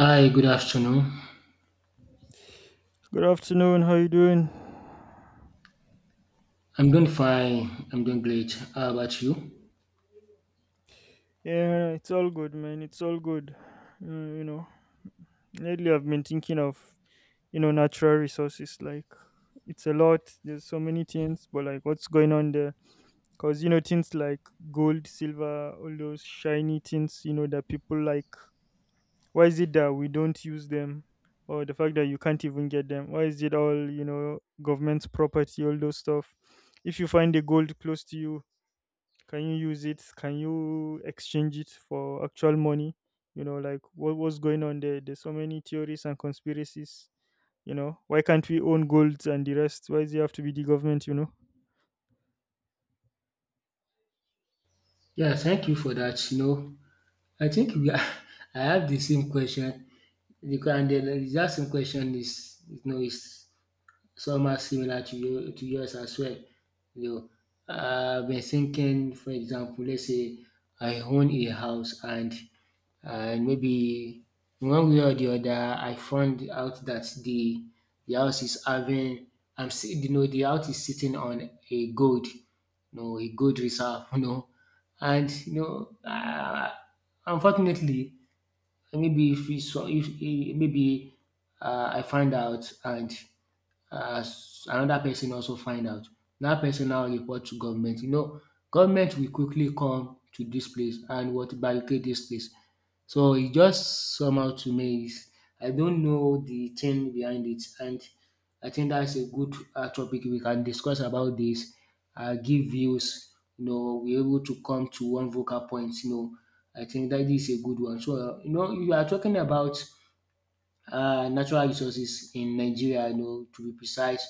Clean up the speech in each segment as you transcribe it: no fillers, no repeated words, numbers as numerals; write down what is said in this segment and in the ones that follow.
Hi, good afternoon. Good afternoon. How you doing? I'm doing fine. I'm doing great. How about you? Yeah, it's all good, man. It's all good. Uh, you know, Lately I've been thinking of natural resources. Like it's a lot. There's so many things, but like what's going on there? Cause things like gold, silver, all those shiny things. You know that people like. Why is it that we don't use them? Or the fact that you can't even get them? Why is it all government's property? All those stuff. If you find the gold close to you, can you use it? Can you exchange it for actual money? Like what was going on there? There's so many theories and conspiracies. Why can't we own gold and the rest? Why does it have to be the government? You know? Yeah, thank you for that. I think we are, I have the same question because and the exact same question is you know is Some are similar to yours as well. You know, I've been thinking, for example, let's say I own a house, and maybe in one way or the other, I found out that the house is having, I'm see the house is sitting on a gold, you know, a gold reserve, and you know, uh, unfortunately, maybe if we saw if eh, maybe I find out, and as another person also find out, that person now report to government. You know, government will quickly come to this place and what barricade this place. So it just somehow to me is I don't know the thing behind it, and I think that's a good topic we can discuss about this, give views, you know, we're able to come to one vocal point, you know. I think that is a good one. So, you are talking about natural resources in Nigeria, to be precise,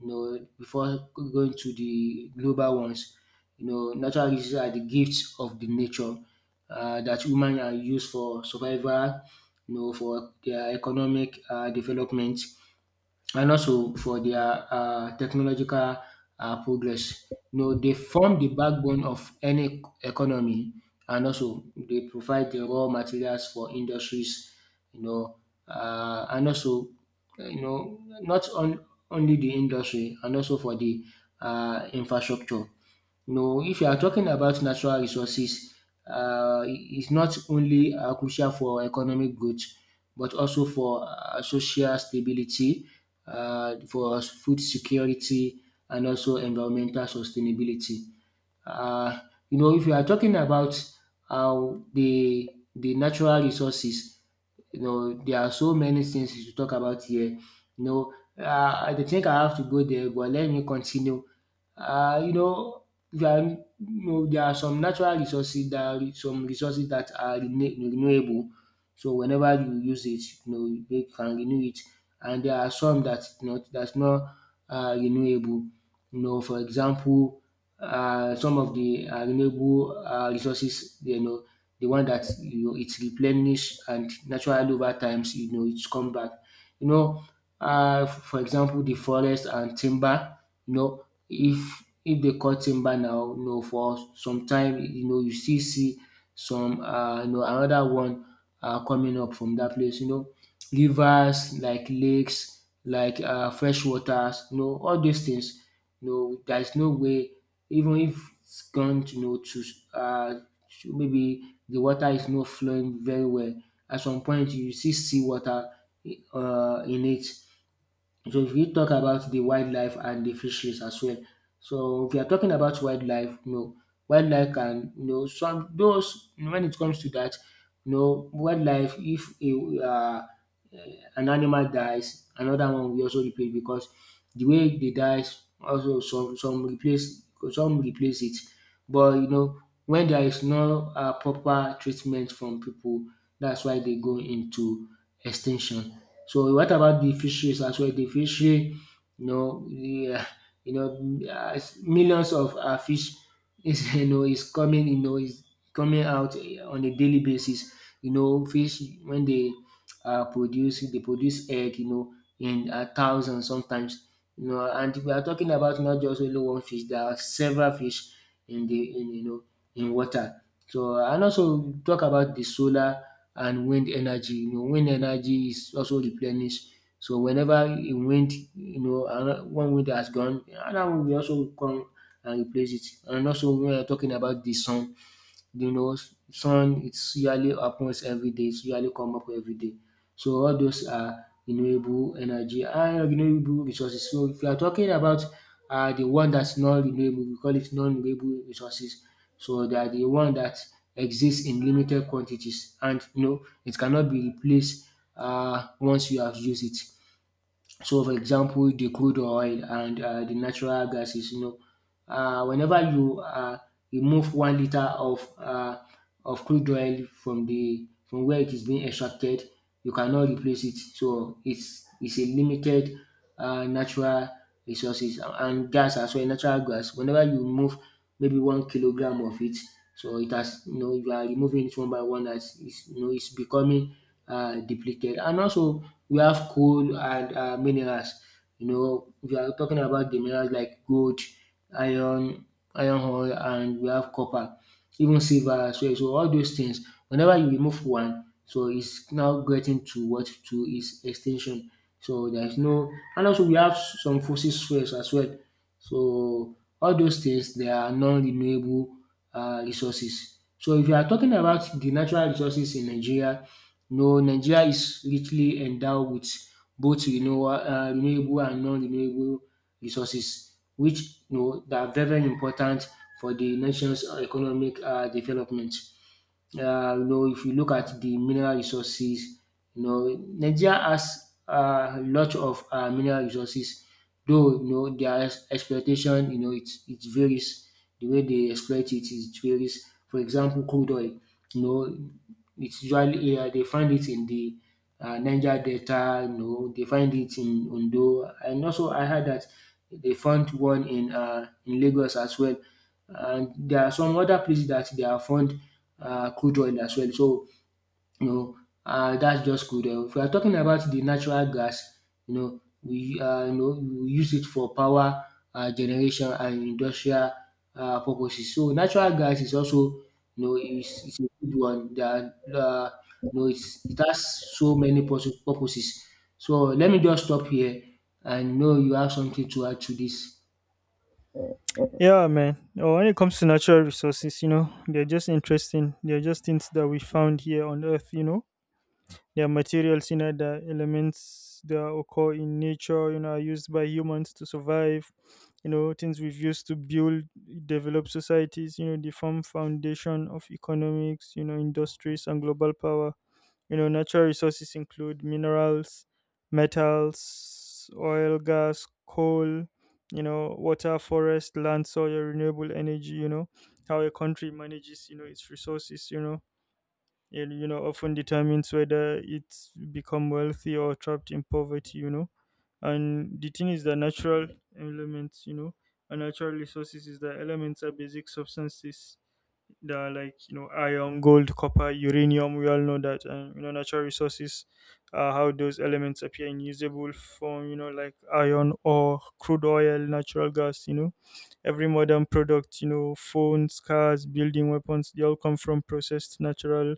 before going to the global ones. Natural resources are the gifts of the nature that women are used for survival, for their economic development, and also for their technological progress. You know, they form the backbone of any economy, and also they provide the raw materials for industries. You know, and also not on, only the industry, and also for the infrastructure. You know, if you are talking about natural resources, it's not only crucial for economic growth, but also for social stability, for food security, and also environmental sustainability. Uh, if you are talking about how the natural resources, you know, there are so many things to talk about here. I don't think I have to go there, but let me continue. Uh, you know, there are, there are some natural resources, there are some resources that are renewable. So whenever you use it, you know, you can renew it. And there are some that not that's not renewable. You know, for example, some of the renewable resources, you know, the one that you know it's replenished and naturally over times, you know, it's come back. You know, for example, the forest and timber. You know, if they cut timber now, you know, for some time, you know, you still see some, you know, another one coming up from that place. You know, rivers like lakes, like fresh waters, you know, all those things, you know, there is no way, even if it's gone to, you know, to, um maybe the water is not flowing very well, at some point you still see sea water in it. So if we talk about the wildlife and the fisheries as well. So if you are talking about wildlife, you know, wildlife can, you know, some those, when it comes to that, you know, wildlife, if a an animal dies, another one will also replace, because the way they dies, also some, replace some replace it. But you know, when there is no proper treatment from people, that's why they go into extinction. So what about the fisheries as well? The fishery, you know, the, you know, millions of fish is, you know, is coming, you know, is coming out, on a daily basis. You know, fish when they produce, they produce egg, you know, in thousands sometimes. You know, and we are talking about not just only one fish. There are several fish in the, in you know, in water. So and also we talk about the solar and wind energy. You know, wind energy is also replenish. So whenever a wind, you know, one wind has gone, another one will also come and replace it. And also we are talking about the sun. You know, sun, it's usually happens every day, it's yearly come up every day. So all those are renewable energy and renewable resources. So if you are talking about the one that's not renewable, we call it non-renewable resources. So they are the one that exists in limited quantities, and you know it cannot be replaced once you have used it. So, for example, the crude oil and the natural gases, you know, whenever you remove 1 liter of crude oil from the, from where it is being extracted, you cannot replace it. So it's a limited natural resources, and gas as well, natural gas. Whenever you remove maybe 1 kilogram of it, so it has, you know, you are removing it one by one, as it's, you know, it's becoming depleted. And also we have coal and minerals. You know, we are talking about the minerals like gold, iron, iron ore, and we have copper, even silver as well. So all those things, whenever you remove one, so it's now getting to what, to its extinction. So there is no, and also we have some fossil fuels as well. So all those things, they are non-renewable resources. So if you are talking about the natural resources in Nigeria, no, Nigeria is richly endowed with both renewable, and non-renewable resources, which you know, that are very, very important for the nation's economic development. You know, if you look at the mineral resources, you know, Nigeria has a lot of mineral resources, though, you know, their exploitation, you know, it varies. The way they exploit it is it varies. For example, crude oil, you know, it's usually, they find it in the Niger Delta, you know, they find it in Ondo, and also I heard that they found one in Lagos as well. And there are some other places that they have found crude oil as well. So, you know, that's just good. If we are talking about the natural gas, you know, we, you know, we use it for power generation and industrial purposes. So natural gas is also, you know, is a good one that, um you know, it has so many purposes. So let me just stop here, and you know you have something to add to this. Yeah, man. Oh, when it comes to natural resources, they're just interesting. They're just things that we found here on Earth. Their materials, the elements that occur in nature, are used by humans to survive. Things we've used to build, develop societies. They form foundation of economics. Industries and global power. Natural resources include minerals, metals, oil, gas, coal. Water, forest, land, soil, renewable energy. How a country manages, its resources. It often determines whether it's become wealthy or trapped in poverty. And the thing is that natural elements and natural resources is that elements are basic substances that are like iron, gold, copper, uranium, we all know that. And natural resources are how those elements appear in usable form, like iron or crude oil, natural gas. Every modern product, phones, cars, building weapons, they all come from processed natural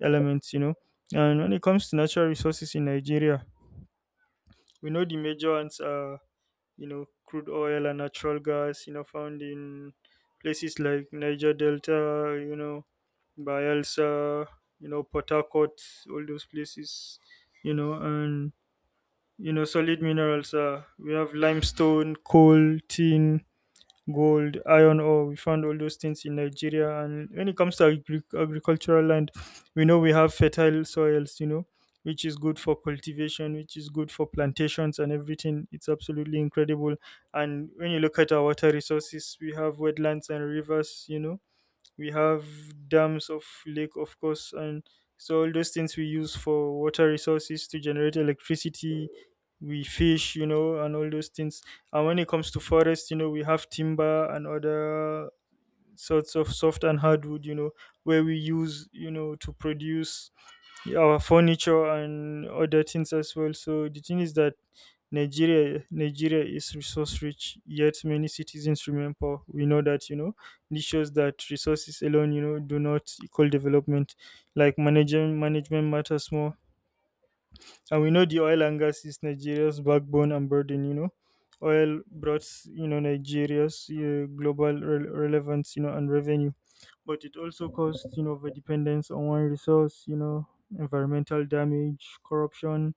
elements. And when it comes to natural resources in Nigeria, we know the major ones are, crude oil and natural gas, found in places like Niger Delta, Bayelsa, Port Harcourt, all those places, and solid minerals. We have limestone, coal, tin, gold, iron ore. We found all those things in Nigeria. And when it comes to agricultural land, we know we have fertile soils, which is good for cultivation, which is good for plantations and everything. It's absolutely incredible. And when you look at our water resources, we have wetlands and rivers. We have dams, of lake of course, and so all those things we use for water resources to generate electricity. We fish, and all those things. And when it comes to forest, we have timber and other sorts of soft and hardwood, where we use, to produce our furniture and other things as well. So the thing is that Nigeria is resource rich, yet many citizens remain poor. We know that. This shows that resources alone, do not equal development. Like management matters more. And we know the oil and gas is Nigeria's backbone and burden. Oil brought, Nigeria's global relevance, and revenue, but it also caused, overdependence on one resource, environmental damage, corruption,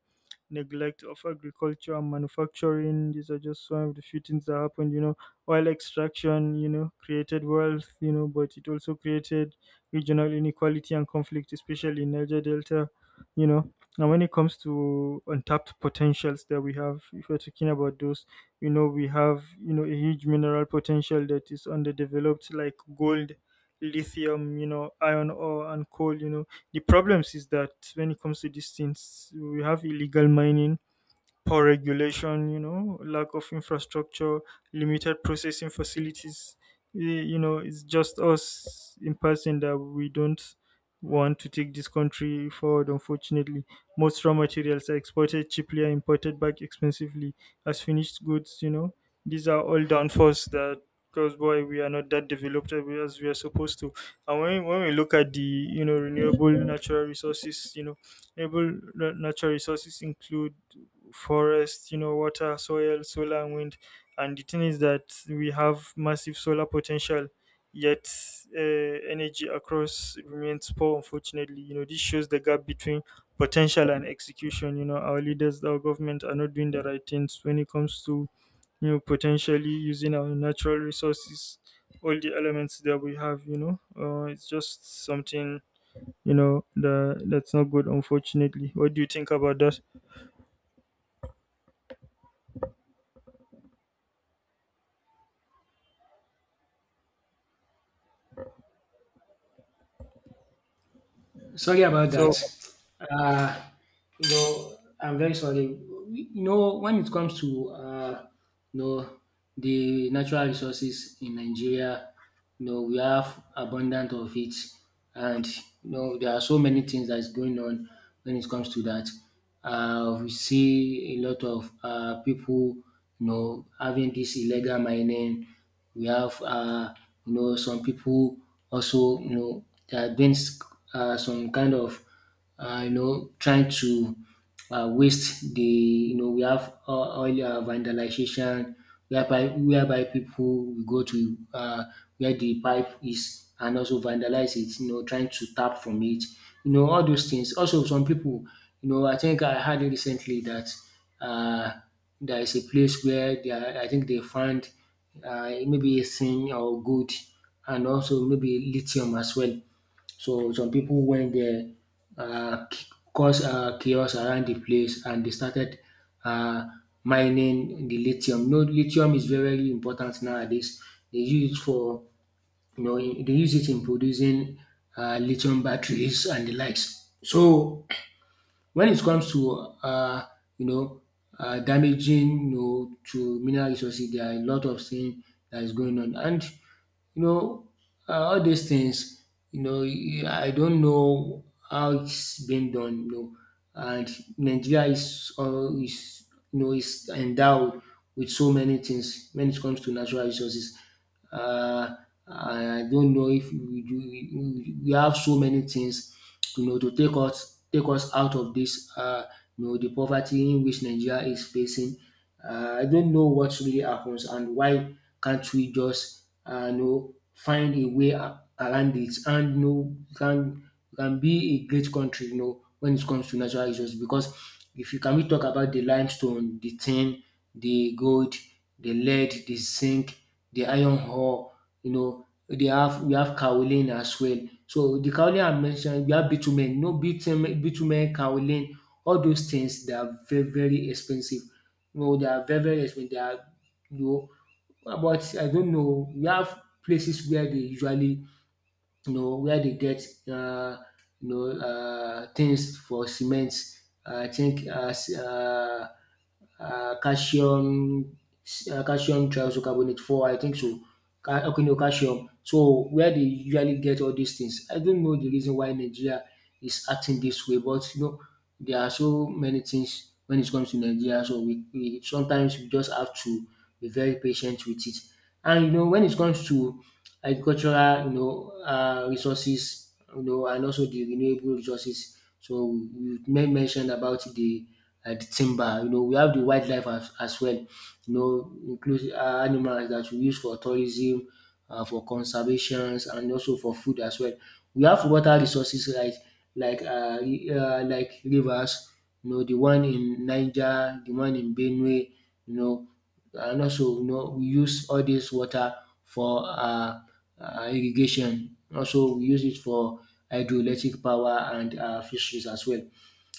neglect of agriculture and manufacturing. These are just some of the few things that happened. Oil extraction, created wealth, but it also created regional inequality and conflict, especially in Niger Delta, you know. And when it comes to untapped potentials that we have, if we're talking about those, we have, a huge mineral potential that is underdeveloped, like gold, lithium, iron ore and coal. The problems is that when it comes to these things, we have illegal mining, poor regulation, lack of infrastructure, limited processing facilities. It's just us in person that we don't want to take this country forward, unfortunately. Most raw materials are exported cheaply and imported back expensively as finished goods. These are all downfalls that cause why we are not that developed as we are supposed to. And when we look at the, renewable natural resources, renewable natural resources include forest, water, soil, solar, and wind. And the thing is that we have massive solar potential, yet uh, energy across remains poor, unfortunately. This shows the gap between potential and execution. Our leaders, our government are not doing the right things when it comes to, potentially using our natural resources, all the elements that we have. It's just something, that's not good, unfortunately. What do you think about that? Sorry about that. So, Uh, you know, I'm very sorry. You know, when it comes to you know, the natural resources in Nigeria, you know, we have abundant of it, and you know, there are so many things that's going on when it comes to that. We see a lot of people, you know, having this illegal mining. We have, you know, some people also, you know, there have been some kind of, you know, trying to waste the, you know, we have oil vandalization whereby, people will go to where the pipe is, and also vandalize it, you know, trying to tap from it. You know, all those things. Also, some people, you know, I think I heard it recently that uh, there is a place where they are, I think they find maybe zinc or gold, and also maybe lithium as well. So some people went there, caused chaos around the place, and they started uh, mining the lithium. No, lithium is very, very important nowadays. They use it for, you know, they use it in producing lithium batteries and the likes. So when it comes to, um you know, damaging, you know, to mineral resources, there are a lot of things that is going on. And you know, all these things, you know, I don't know how it's been done, you know, and Nigeria is, is, you know, is endowed with so many things when it comes to natural resources. Uh, I don't know if we do, we have so many things, you know, to take us out of this, you know, the poverty in which Nigeria is facing. I don't know what really happens, and why can't we just you know, find a way around it, and you know, can be a great country, you know, when it comes to natural resources. Because if you can we talk about the limestone, the tin, the gold, the lead, the zinc, the iron ore, you know, they have we have kaolin as well. So the kaolin I mentioned, we have bitumen, no bitumen, bitumen, kaolin, all those things they are very, very expensive. No, they are very, very expensive. They are, you know, about I don't know. We have places where they usually where they get um things for cement. I think calcium calcium trioxocarbonate four I think so. Ca- Okay no calcium. So where they usually get all these things. I don't know the reason why Nigeria is acting this way, but you know there are so many things when it comes to Nigeria, so we sometimes we just have to be very patient with it. And you know when it comes to agricultural resources, and also the renewable resources. So you made mentioned about the timber. You know we have the wildlife as well. You know include animals that we use for tourism, for conservations and also for food as well. We have water resources like like rivers, you know the one in Niger, the one in Benue. you know and also you know we use all this water for irrigation. Also we use it for hydroelectric power and fisheries as well.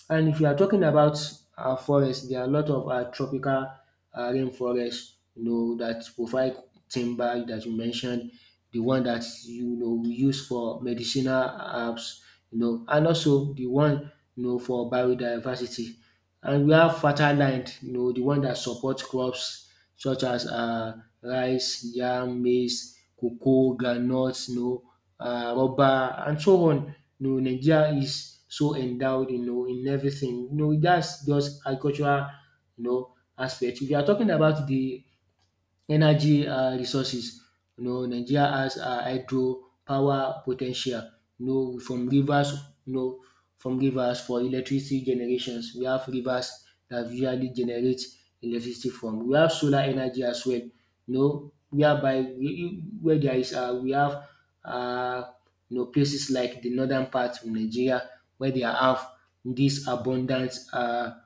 And if you are talking about forest, there are a lot of tropical rain, you know, that provide timber that you mentioned, the one that you know we use for medicinal herbs, you know, and also the one you know for biodiversity. And we have fertile land, you know, the one that support crops such as rice, yam, maize, cocoa, groundnut, you know, rubber and so on. You know, Nigeria is so endowed, you know, in everything. You know, that's just agricultural, you know, aspect. If you are talking about the energy resources, you know Nigeria has hydro power potential. You know from rivers, you know for electricity generations. We have rivers that usually generate electricity from. We have solar energy as well. You know whereby where there is we have um you know places like the northern part of Nigeria where they have this abundant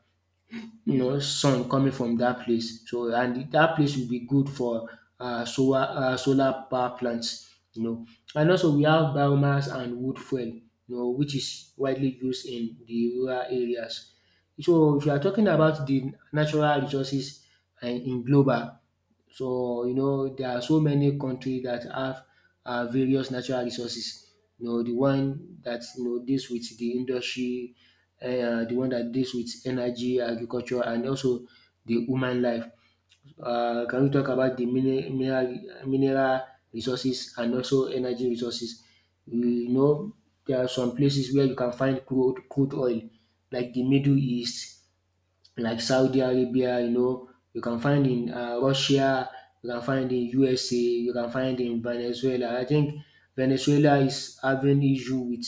you know, sun coming from that place. So and that place will be good for solar power plants. You know, and also we have biomass and wood fuel. You know, which is widely used in the rural areas. So if you are talking about the natural resources and in global, so you know there are so many countries that have various natural resources. You know the one that you know deals with the industry, the one that deals with energy, agriculture, and also the human life. Can we talk about the mineral resources and also energy resources? You know there are some places where you can find crude oil, like the Middle East, like Saudi Arabia. You know, you can find in Russia, you can find in USA, you can find in Venezuela. I think Venezuela is having issue with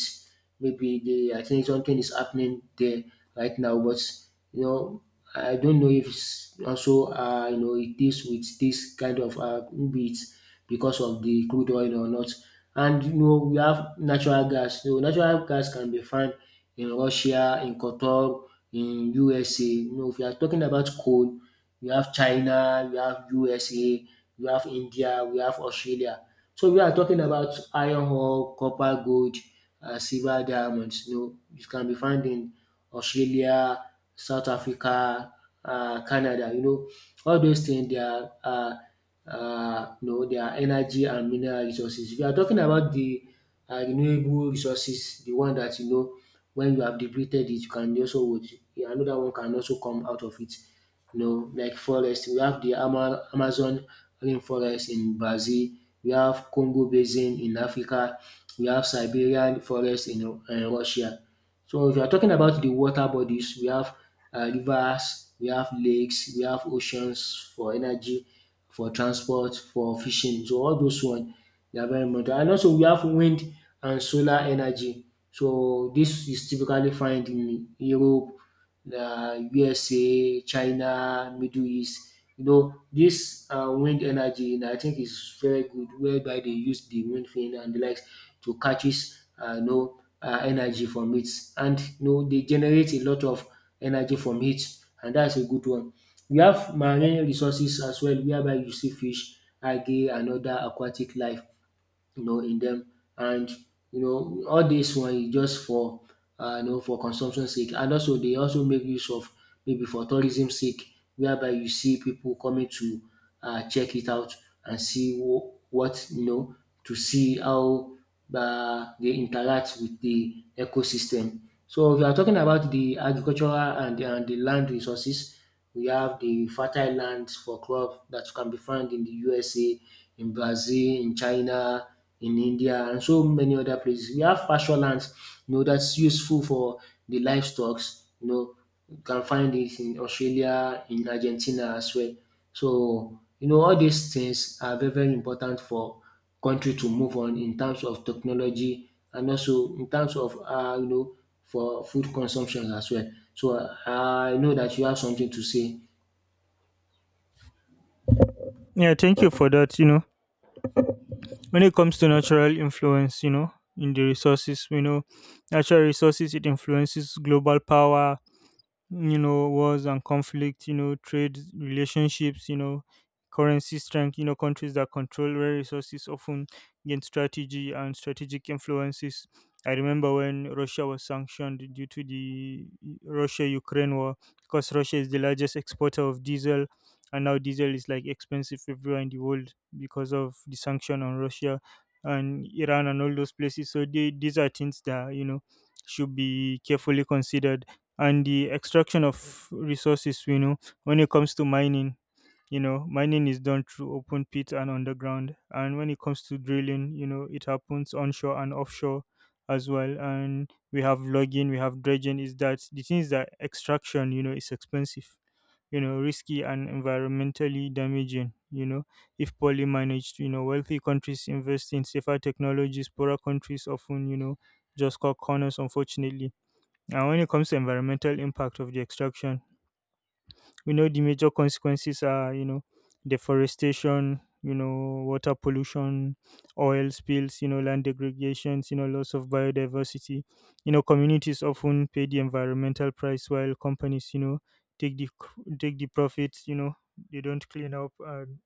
maybe the I think something is happening there right now, but you know I don't know if it's also you know it deals with this kind of maybe it's because of the crude oil or not. And you know we have natural gas. So natural gas can be found in Russia, in Qatar, in USA. You know if you are talking about coal, we have China, we have USA, we have India, we have Australia. So we are talking about iron ore, copper, gold, silver, diamonds. You know, it can be found in Australia, South Africa, Canada. You know, all those things they are, you know, they are energy and mineral resources. If you are talking about the renewable resources, the one that you know when you have depleted it, you can also another one can also come out of it, you know, like forest. We have the Amazon rainforest in Brazil. We have Congo Basin in Africa. We have Siberian forest in Russia. So if you are talking about the water bodies, we have rivers, we have lakes, we have oceans for energy, for transport, for fishing. So all those one they are very important. And also we have wind and solar energy. So this is typically found in Europe, na USA, China, Middle East. You know dis wind energy na I think is very good whereby dey use de wind vane and de likes to catches you know energy from it, and you know dey generate a lot of energy from it, and dats a good one. We have marine resources as well whereby you see fish, algae and other aquatic life. You know in them. And you know all this one is just for you know for consumption sake, and also they also make use of maybe for tourism sake, whereby you see people coming to check it out and see what you know to see how they interact with the ecosystem. So if you are talking about the agricultural and the land resources, we have the fertile lands for crop that can be found in the USA, in Brazil, in China, in India and so many other places. We have pasture lands, you know, that's useful for the livestocks. You know, you can find it in Australia, in Argentina as well. So, you know, all these things are very, very important for country to move on in terms of technology and also in terms of, you know, for food consumption as well. So I know that you have something to say. yeah, thank you for that. When it comes to natural influence, in the resources, we know natural resources, it influences global power, wars and conflict, trade relationships, currency strength, countries that control rare resources often gain strategy and strategic influences. I remember when Russia was sanctioned due to the Russia Ukraine war, because Russia is the largest exporter of diesel, and now diesel is like expensive everywhere in the world because of the sanction on Russia and Iran and all those places. So these are things that, should be carefully considered, and the extraction of resources, when it comes to mining, mining is done through open pit and underground, and when it comes to drilling, it happens onshore and offshore as well, and we have logging, we have dredging, is that the things that extraction, is expensive, risky and environmentally damaging, if poorly managed, wealthy countries invest in safer technologies, poorer countries often, just cut corners, unfortunately. And when it comes to environmental impact of the extraction, we know the major consequences are, deforestation, water pollution, oil spills, land degradations, loss of biodiversity. Communities often pay the environmental price while companies, take the take the profits, they don't clean up. And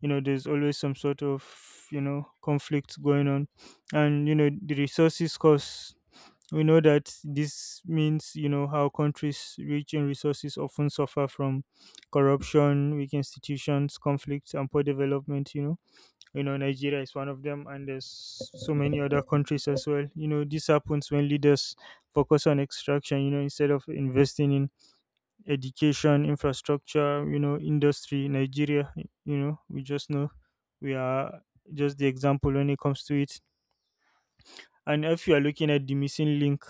there's always some sort of conflict going on. And the resources cost, we know that this means, how countries rich in resources often suffer from corruption, weak institutions, conflicts, and poor development. Nigeria is one of them, and there's so many other countries as well. This happens when leaders focus on extraction. Instead of investing in education, infrastructure, industry. Nigeria, we just know we are just the example when it comes to it. And if you are looking at the missing link,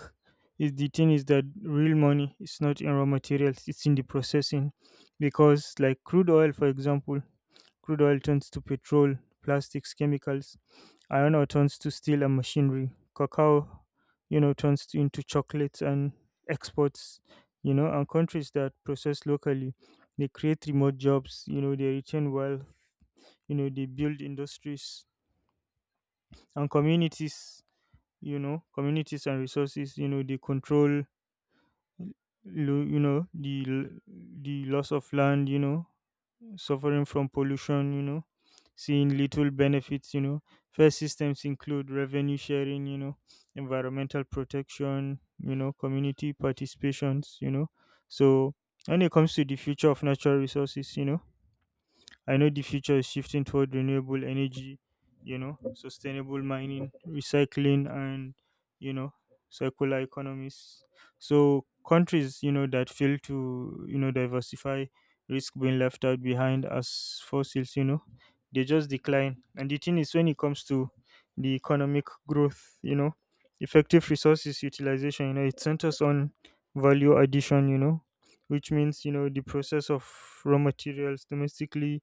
is the thing is that real money is not in raw materials, it's in the processing. Because like crude oil, for example, crude oil turns to petrol, plastics, chemicals, iron ore turns to steel and machinery, cacao, turns into chocolates and exports, and countries that process locally, they create remote jobs, they retain wealth, they build industries and communities, communities and resources, they control the the loss of land, suffering from pollution, seeing little benefits, fair systems include revenue sharing, environmental protection, community participations, so when it comes to the future of natural resources, I know the future is shifting toward renewable energy, sustainable mining, recycling, and, you know, circular economies. So countries, that fail to, diversify risk being left out behind as fossils, they just decline. And the thing is, when it comes to the economic growth, effective resources utilization, it centers on value addition, which means, the process of raw materials domestically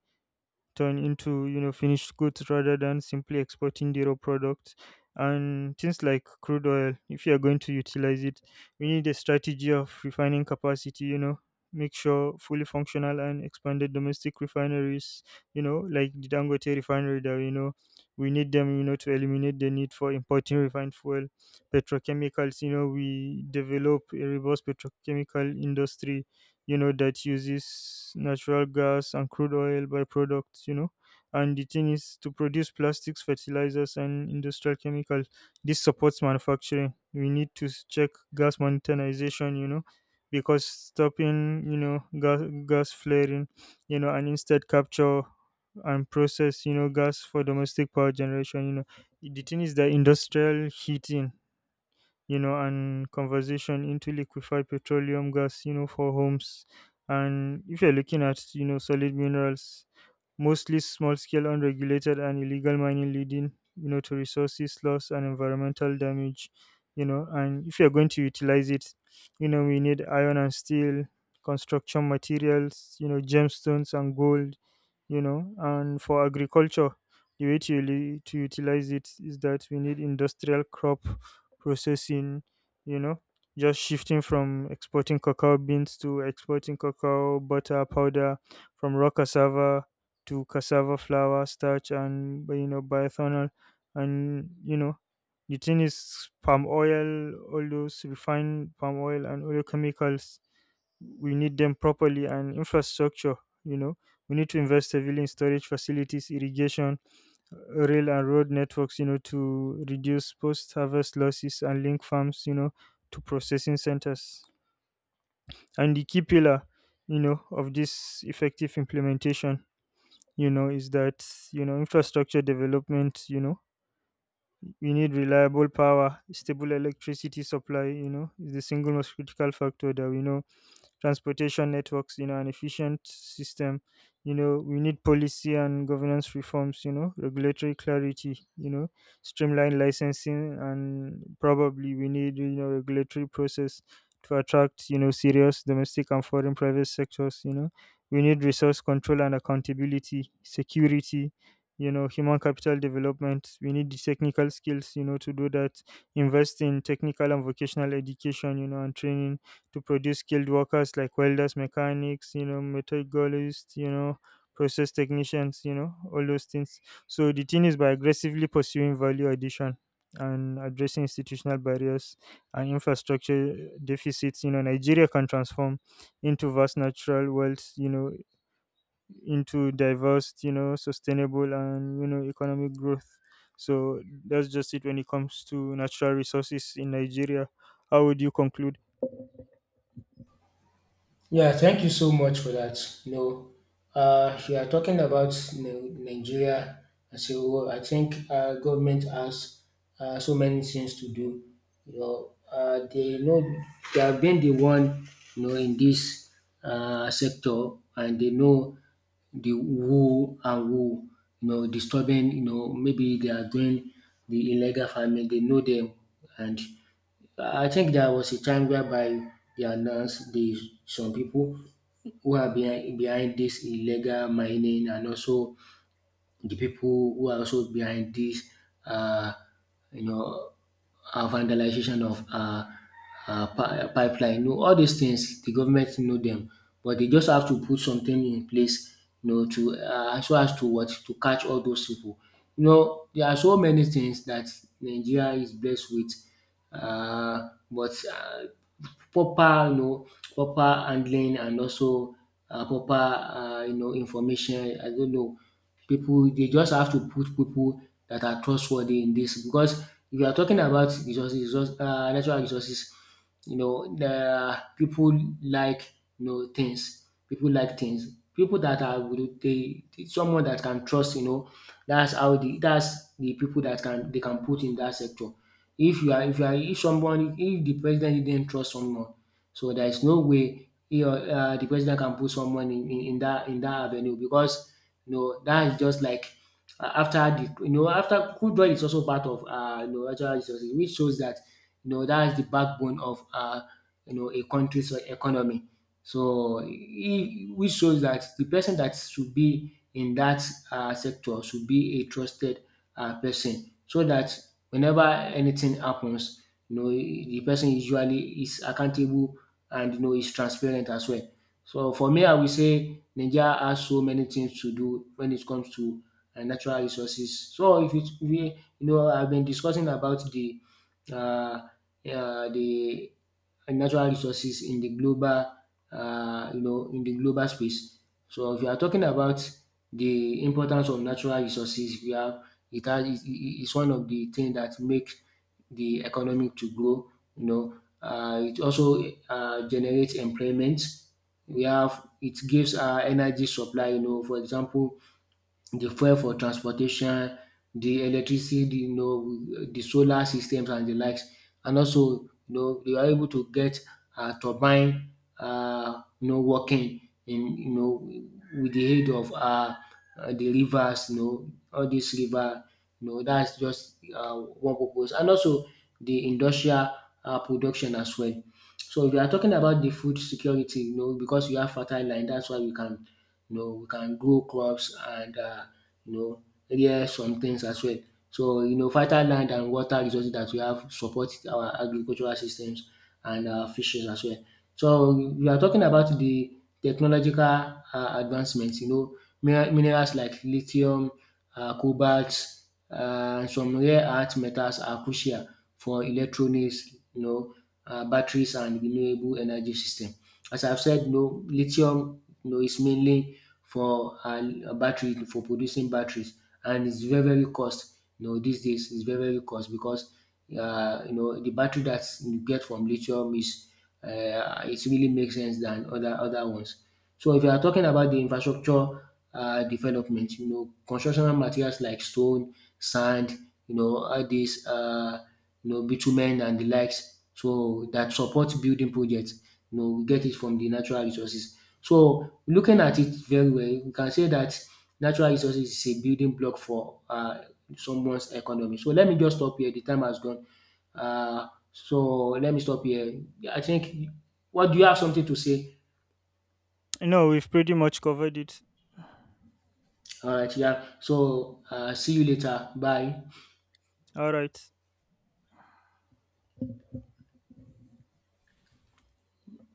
turn into, finished goods rather than simply exporting the raw products, and things like crude oil. If you are going to utilize it, we need a strategy of refining capacity. Make sure fully functional and expanded domestic refineries, like the dangote refinery that we know. We need them, to eliminate the need for importing refined fuel petrochemicals. We develop a robust petrochemical industry, that uses natural gas and crude oil byproducts. And the thing is to produce plastics, fertilizers, and industrial chemicals. This supports manufacturing. We need to check gas monetization, because stopping, gas flaring, and instead capture and process, gas for domestic power generation. The thing is that industrial heating, and conversion into liquefied petroleum gas, for homes. And if you're looking at, solid minerals, mostly small scale, unregulated, and illegal mining leading, to resources loss and environmental damage, and if you're going to utilize it, we need iron and steel, construction materials, gemstones and gold, and for agriculture, the way to utilize it is that we need industrial crop processing, you know, just shifting from exporting cacao beans to exporting cacao butter powder, from raw cassava to cassava flour, starch, and bioethanol, and the thing is palm oil, all those refined palm oil and oil chemicals. We need them properly and infrastructure. You know, we need to invest heavily in storage facilities, irrigation, rail and road networks, to reduce post harvest losses and link farms, to processing centers. And the key pillar, of this effective implementation, is that, infrastructure development, we need reliable power, stable electricity supply, is the single most critical factor that we know transportation networks, an efficient system. We need policy and governance reforms, regulatory clarity, streamlined licensing, and probably we need, regulatory process to attract, serious domestic and foreign private sectors. We need resource control and accountability, security, human capital development. We need the technical skills, to do that. Invest in technical and vocational education, and training to produce skilled workers like welders, mechanics, metallurgists, process technicians, all those things. So the thing is, by aggressively pursuing value addition and addressing institutional barriers and infrastructure deficits, Nigeria can transform into vast natural wealth, into diverse, sustainable and, economic growth. So that's just it when it comes to natural resources in Nigeria. How would you conclude? Yeah, thank you so much for that. You know, you are talking about Nigeria as a whole. I think government has so many things to do. You know, they know they have been the one, you know, in this sector, and they know the who and who, you know, disturbing. You know, maybe they are doing the illegal farming. They know them. And I think there was a time whereby they announced the some people who are behind this illegal mining, and also the people who are also behind this, uh, you know, vandalization of pipeline. You know, all these things, the government know them, but they just have to put something in place, you know, to so as to what to catch all those people. You know, there are so many things that Nigeria is blessed with, but proper, you know, proper handling and also proper, you know, information. I don't know people. They just have to put people that are trustworthy in this, because if you are talking about natural resources, you know the people like things. People like things. People that they someone that can trust, you know, that's how the that's the people that can they can put in that sector. If you are if you are If somebody, if the president didn't trust someone, so there is no way he or the president can put someone in dat in that avenue, because you know that is just like after the, you know, after football is also part of you know natural resources, which shows that you know that is the backbone of you know a country's economy. So it, which shows that the person that should be in that sector should be a trusted person, so dat whenever anything happens, you know de person usually is accountable and you know is transparent as well. So for me I will say Naija has so many things to do wen it comes to natural resources. So if it we, you know, I have been discussing about de um de natural resources in de global you know in de global space. So if you are talking about de importance of natural resources, we have it has it's one of the things that makes the economy to grow, you know. It also generates employment. We have it gives energy supply, you know. For example, the fuel for transportation, the electricity, the you know the solar systems and the likes. And also you know they are able to get turbine, you know, working in, you know, with the aid of the rivers, you know, all these river, you know, that's just one purpose. And also the industrial production as well. So if you are talking about the food security, you know, because you have fertile land, that's why we can, you know, we can grow crops and you know, rear some things as well. So you know fertile land and water resources that we have support our agricultural systems and fishes as well. So we are talking about the technological advancement, you know, minerals like lithium, cobalt, and some rare earth metals are crucial for electronics, you know, batteries and renewable energy system. As I've said, you know, lithium, you know, is mainly for battery for producing batteries, and it's very very cost. You know, these days it's very very cost because you know the battery that you get from lithium is, it really makes sense than other ones. So if you are talking about the infrastructure development, you know, constructional materials like stone, sand, you know, all these, you know, bitumen and the likes, so that support building projects. You know, we get it from the natural resources. So looking at it very well, we can say that natural resources is a building block for someone's economy. So let me just stop here. The time has gone. Uh, so let me stop here, I think. What do you have something to say? No, we've pretty much covered it. All right, yeah. So see you later. Bye. All right.